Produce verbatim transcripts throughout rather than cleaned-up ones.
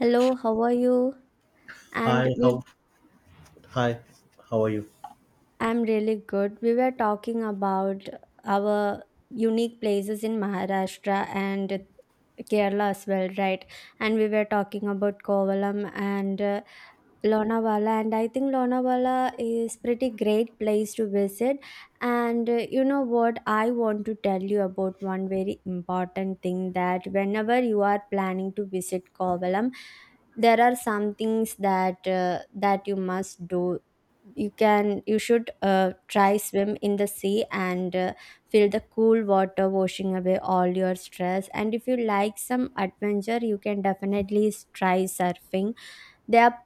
Hello, how are you? And Hi, we how hi, how are you? I'm really good. We were talking about our unique places in Maharashtra and Kerala as well, right? And we were talking about Kovalam and uh, Lonavala, and I think Lonavala is pretty great place to visit. And uh, you know what? I want to tell you about one very important thing that whenever you are planning to visit Kovalam, there are some things that uh, that you must do. You can you should uh, try swim in the sea and uh, feel the cool water washing away all your stress, and if you like some adventure you can definitely s- try surfing, they are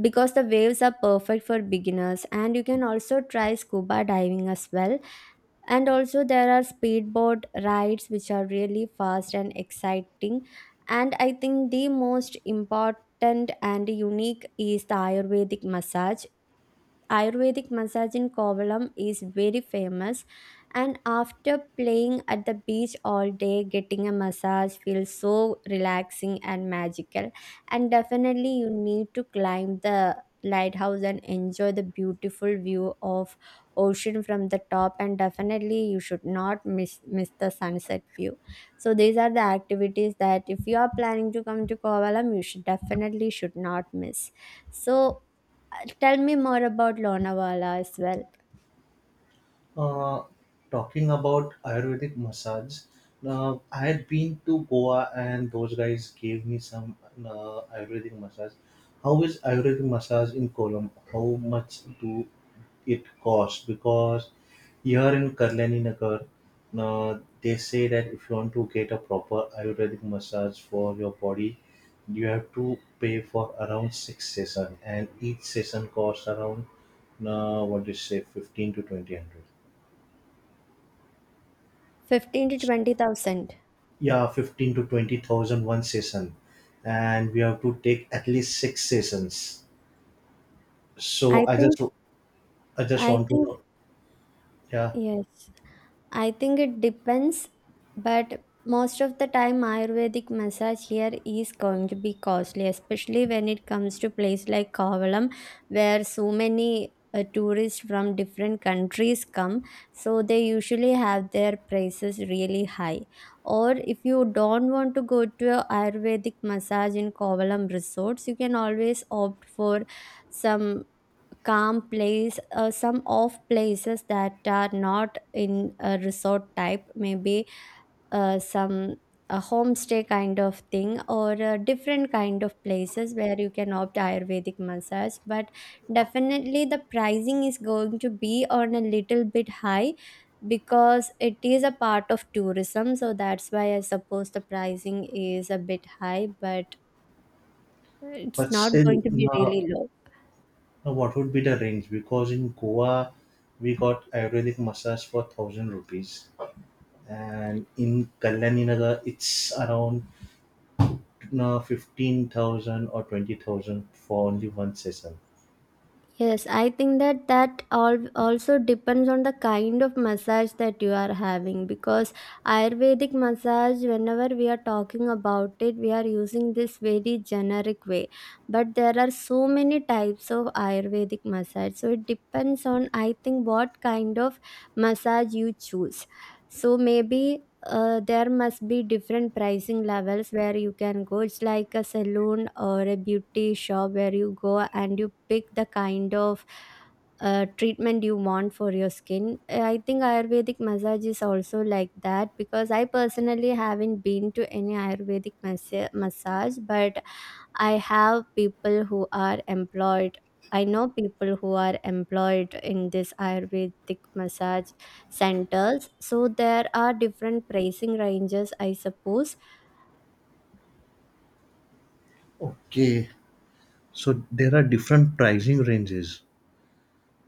because the waves are perfect for beginners, and you can also try scuba diving as well. And also there are speedboat rides which are really fast and exciting, and I think the most important and unique is the Ayurvedic massage. Ayurvedic massage in Kovalam is very famous. And after playing at the beach all day, getting a massage feels so relaxing and magical. And definitely, you need to climb the lighthouse and enjoy the beautiful view of ocean from the top. And definitely you should not miss miss the sunset view. So these are the activities that if you are planning to come to Kovalam, you should definitely should not miss. So uh, tell me more about Lonavala as well. Uh, talking about Ayurvedic massage. Uh, I had been to Goa, and those guys gave me some uh, Ayurvedic massage. How is Ayurvedic massage in Colombo? How much do it costs, because here in Kalyani Nagar, uh, they say that if you want to get a proper Ayurvedic massage for your body, you have to pay for around six sessions, and each session costs around uh, what do you say, fifteen to twenty hundred. fifteen to twenty thousand. Yeah, fifteen to twenty thousand one session, and we have to take at least six sessions. So I I think, just I just I want to think, know, yeah. yes. I think it depends, but most of the time, Ayurvedic massage here is going to be costly, especially when it comes to place like Kovalam, where so many uh, tourists from different countries come. So they usually have their prices really high. Or if you don't want to go to a Ayurvedic massage in Kovalam resorts, you can always opt for some calm place, uh, some off places that are not in a resort type, maybe uh, some a homestay kind of thing, or uh, different kind of places where you can opt Ayurvedic massage. But definitely the pricing is going to be on a little bit high, because it is a part of tourism. So that's why I suppose the pricing is a bit high, but it's But not still, going to be no, really low. now, what would be the range? Because in Goa, we got Ayurvedic massage for thousand rupees, and in Kalyaninagar, it's around uh, fifteen thousand or twenty thousand for only one session. Yes, I think that that all also depends on the kind of massage that you are having, because Ayurvedic massage, whenever we are talking about it, we are using this very generic way. But there are so many types of Ayurvedic massage. So it depends on, I think, what kind of massage you choose. So maybe uh, there must be different pricing levels where you can go. It's like a salon or a beauty shop where you go and you pick the kind of uh, treatment you want for your skin. Uh, I think Ayurvedic massage is also like that, because I personally haven't been to any Ayurvedic massa- massage, but I have people who are employed. I know people who are employed in this Ayurvedic massage centers. So there are different pricing ranges, I suppose. Okay, so there are different pricing ranges.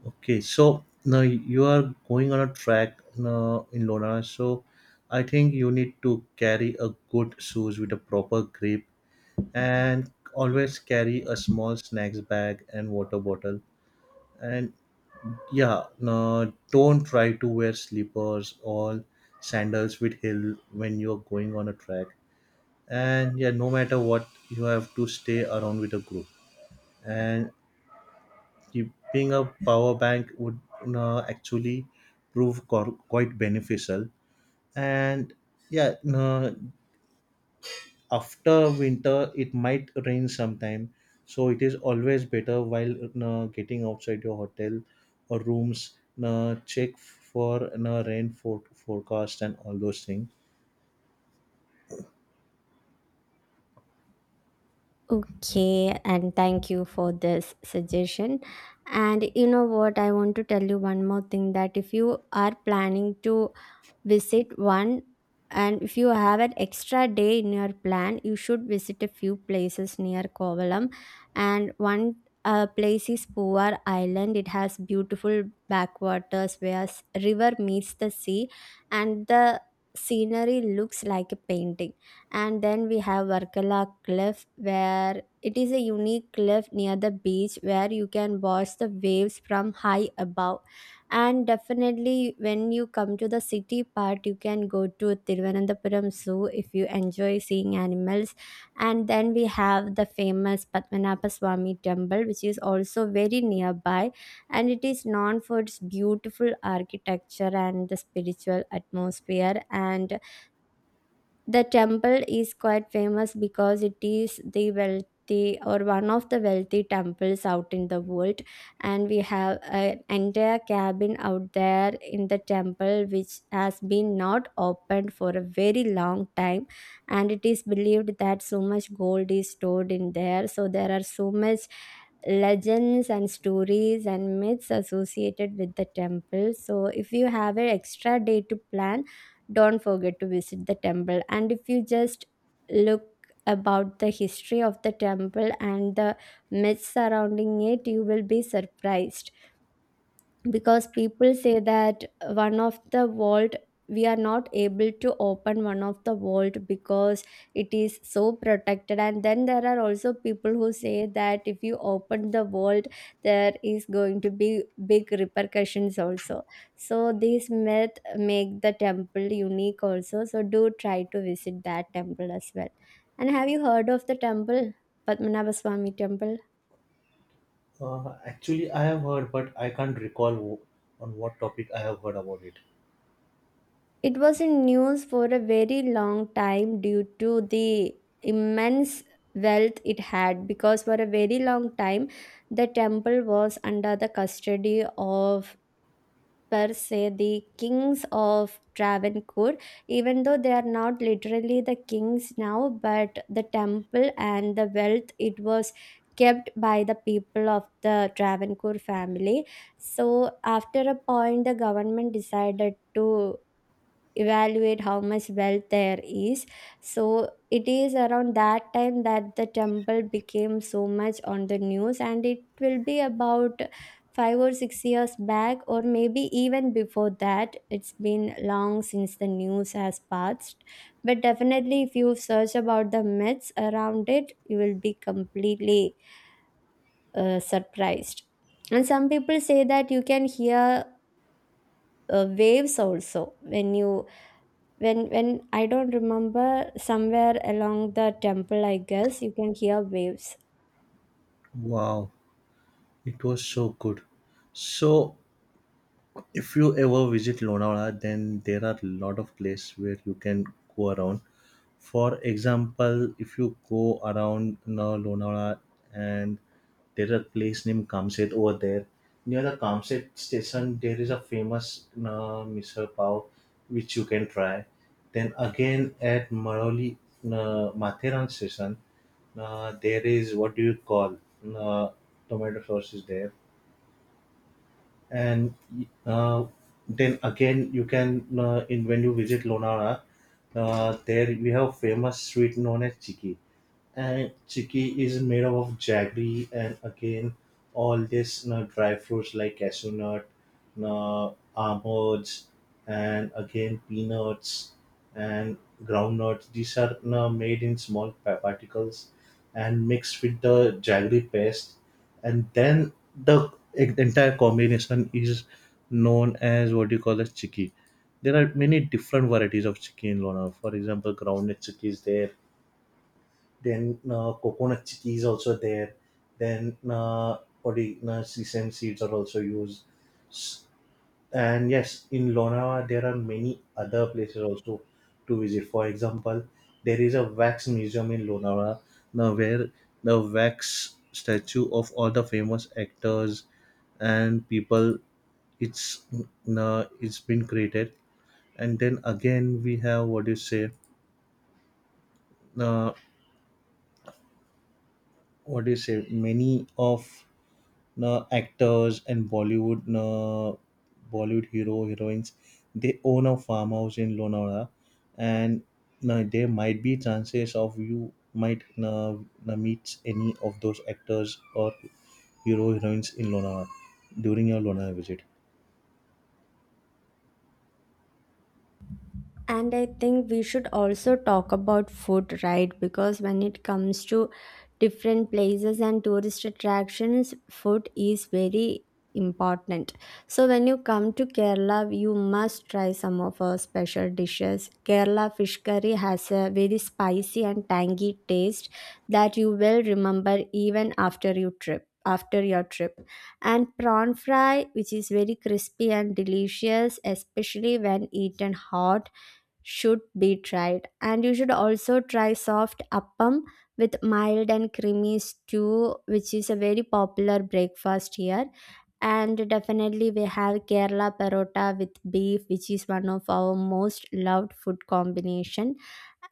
Okay, so now you are going on a track now in Lona, so I think you need to carry a good shoes with a proper grip, and always carry a small snacks bag and water bottle. And yeah, no, don't try to wear slippers or sandals with heel when you're going on a track. And yeah, no matter what, you have to stay around with a group. And keeping a power bank would, no, actually prove cor- quite beneficial. And yeah, no, after winter it might rain sometime, so it is always better while uh, getting outside your hotel or rooms. Uh, check for uh, rain for- forecast and all those things. Okay, and thank you for this suggestion. And you know what? I want to tell you one more thing, that if you are planning to visit one, and if you have an extra day in your plan, you should visit a few places near Kovalam. And one uh, place is Puvar Island. It has beautiful backwaters where s- river meets the sea, and the scenery looks like a painting. And then we have Varkala Cliff, where it is a unique cliff near the beach where you can watch the waves from high above. And definitely, when you come to the city part, you can go to Thiruvananthapuram Zoo if you enjoy seeing animals. And then we have the famous Padmanabha Swami Temple, which is also very nearby. And it is known for its beautiful architecture and the spiritual atmosphere. And the temple is quite famous because it is the wealthy, or one of the wealthy temples out in the world, and we have an entire cabin out there in the temple which has been not opened for a very long time, and it is believed that so much gold is stored in there. So there are so much legends and stories and myths associated with the temple. So if you have an extra day to plan, don't forget to visit the temple. And if you just look about the history of the temple and the myths surrounding it, you will be surprised, because people say that one of the vault, we are not able to open one of the vault because it is so protected. And then there are also people who say that if you open the vault, there is going to be big repercussions also. So these myth make the temple unique also, so do try to visit that temple as well. And have you heard of the temple, Padmanabha Swami Temple? Uh, actually I have heard, but I can't recall w- on what topic I have heard about it. It was in news for a very long time due to the immense wealth it had, because for a very long time the temple was under the custody of, per se, the kings of Travancore. Even though they are not literally the kings now, but the temple and the wealth, it was kept by the people of the Travancore family. So after a point the government decided to evaluate how much wealth there is. So it is around that time that the temple became so much on the news, and it will be about five or six years back, or maybe even before that. It's been long since the news has passed, but definitely if you search about the myths around it, you will be completely uh, surprised. And some people say that you can hear uh, waves also when you, when when I don't remember, somewhere along the temple, I guess you can hear waves. Wow, it was so good. So if you ever visit Lonavala, then there are a lot of places where you can go around. For example, if you go around, you know, Lonavala, and there is a place named Kamset over there. Near the Kamset station, there is a famous, you know, misal pav, which you can try. Then again, at Maroli, uh, Matharan station, uh, there is, what do you call, uh, tomato sauce is there. And uh, then again you can, uh, in when you visit Lonavala, uh, there we have famous sweet known as chiki. And chicky is made up of jaggery, and again all this, you know, dry fruits like cashew nut, you know, almonds, and again peanuts and groundnuts, these are, you know, made in small pa- particles and mixed with the jaggery paste. And then the entire combination is known as what you call as chicky. There are many different varieties of chicken in Lona. For example, groundnut chicky is there. Then uh, coconut tea is also there. Then uh, oregano, sesame seeds are also used. S- And yes, in Lonavala there are many other places also to visit. For example, there is a wax museum in Lonavala now, where the wax statue of all the famous actors and people, it's uh, it's been created. And then again we have, what do you say uh, what do you say, many of know, actors, and Bollywood know, Bollywood hero heroines, they own a farmhouse in Lonavala. And know, there might be chances of you might na na meet any of those actors or hero heroines in Lonavala during your Lonavala visit. And I think we should also talk about food, right? Because when it comes to different places and tourist attractions, food is very important. So when you come to Kerala, you must try some of our special dishes. Kerala fish curry has a very spicy and tangy taste that you will remember even after you trip after your trip. And prawn fry, which is very crispy and delicious especially when eaten hot, should be tried. And you should also try soft appam with mild and creamy stew, which is a very popular breakfast here. And definitely we have Kerala parotta with beef, which is one of our most loved food combination.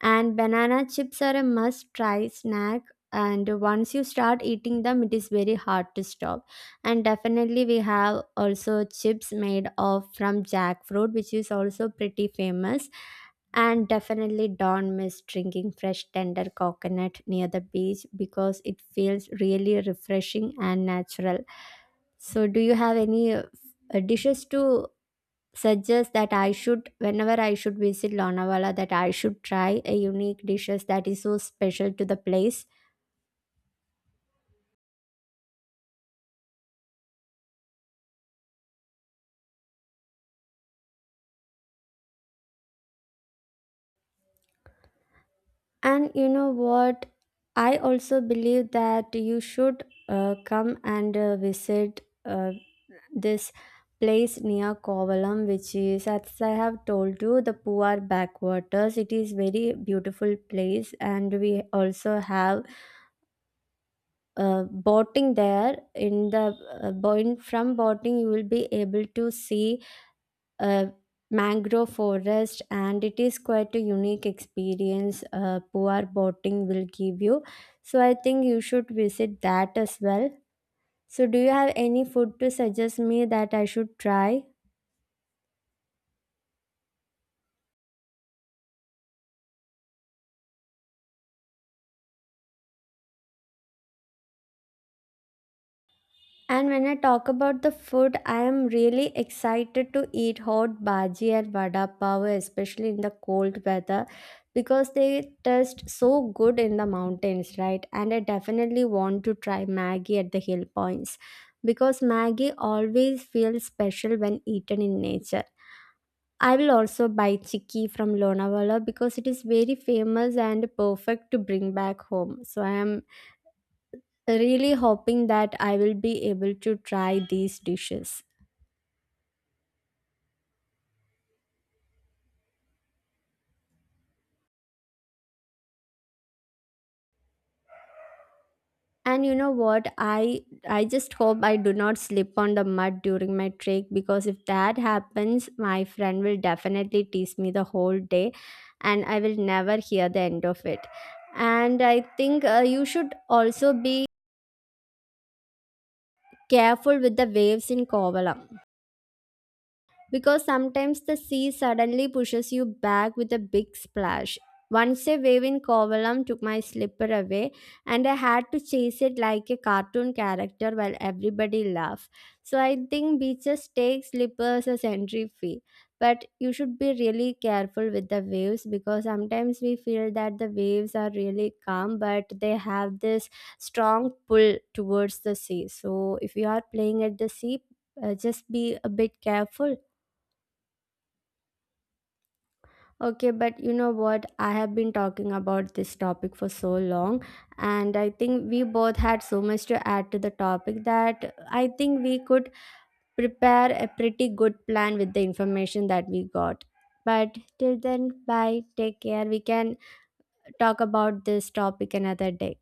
And banana chips are a must try snack. And once you start eating them, it is very hard to stop. And definitely, we have also chips made of from jackfruit, which is also pretty famous. And definitely don't miss drinking fresh tender coconut near the beach, because it feels really refreshing and natural. So, do you have any uh, uh, dishes to suggest that I should, whenever I should visit Lonavala, that I should try a unique dishes that is so special to the place? And you know what? I also believe that you should uh, come and uh, visit uh, this place near Kovalam, which is, as I have told you, the Puar backwaters. It is very beautiful place, and we also have uh, boating there. In the uh, boin- from boating, you will be able to see a mangrove forest, and it is quite a unique experience uh, poor boating will give you. So I think you should visit that as well. So do you have any food to suggest me that I should try? And when I talk about the food, I am really excited to eat hot bhaji and vada pav, especially in the cold weather, because they taste so good in the mountains, right? And I definitely want to try maggi at the hill points, because maggi always feels special when eaten in nature. I will also buy chikki from Lonavala because it is very famous and perfect to bring back home. So I am really hoping that I will be able to try these dishes. And you know what? I I just hope I do not slip on the mud during my trek, because if that happens, my friend will definitely tease me the whole day and I will never hear the end of it. And I think uh, you should also be careful with the waves in Kovalam, because sometimes the sea suddenly pushes you back with a big splash. Once a wave in Kovalam took my slipper away, and I had to chase it like a cartoon character while everybody laughed. So I think beaches take slippers as entry fee, but you should be really careful with the waves, because sometimes we feel that the waves are really calm, but they have this strong pull towards the sea. So if you are playing at the sea, uh, just be a bit careful. Okay, but you know what? I have been talking about this topic for so long, and I think we both had so much to add to the topic, that I think we could prepare a pretty good plan with the information that we got. But till then, bye, take care. We can talk about this topic another day.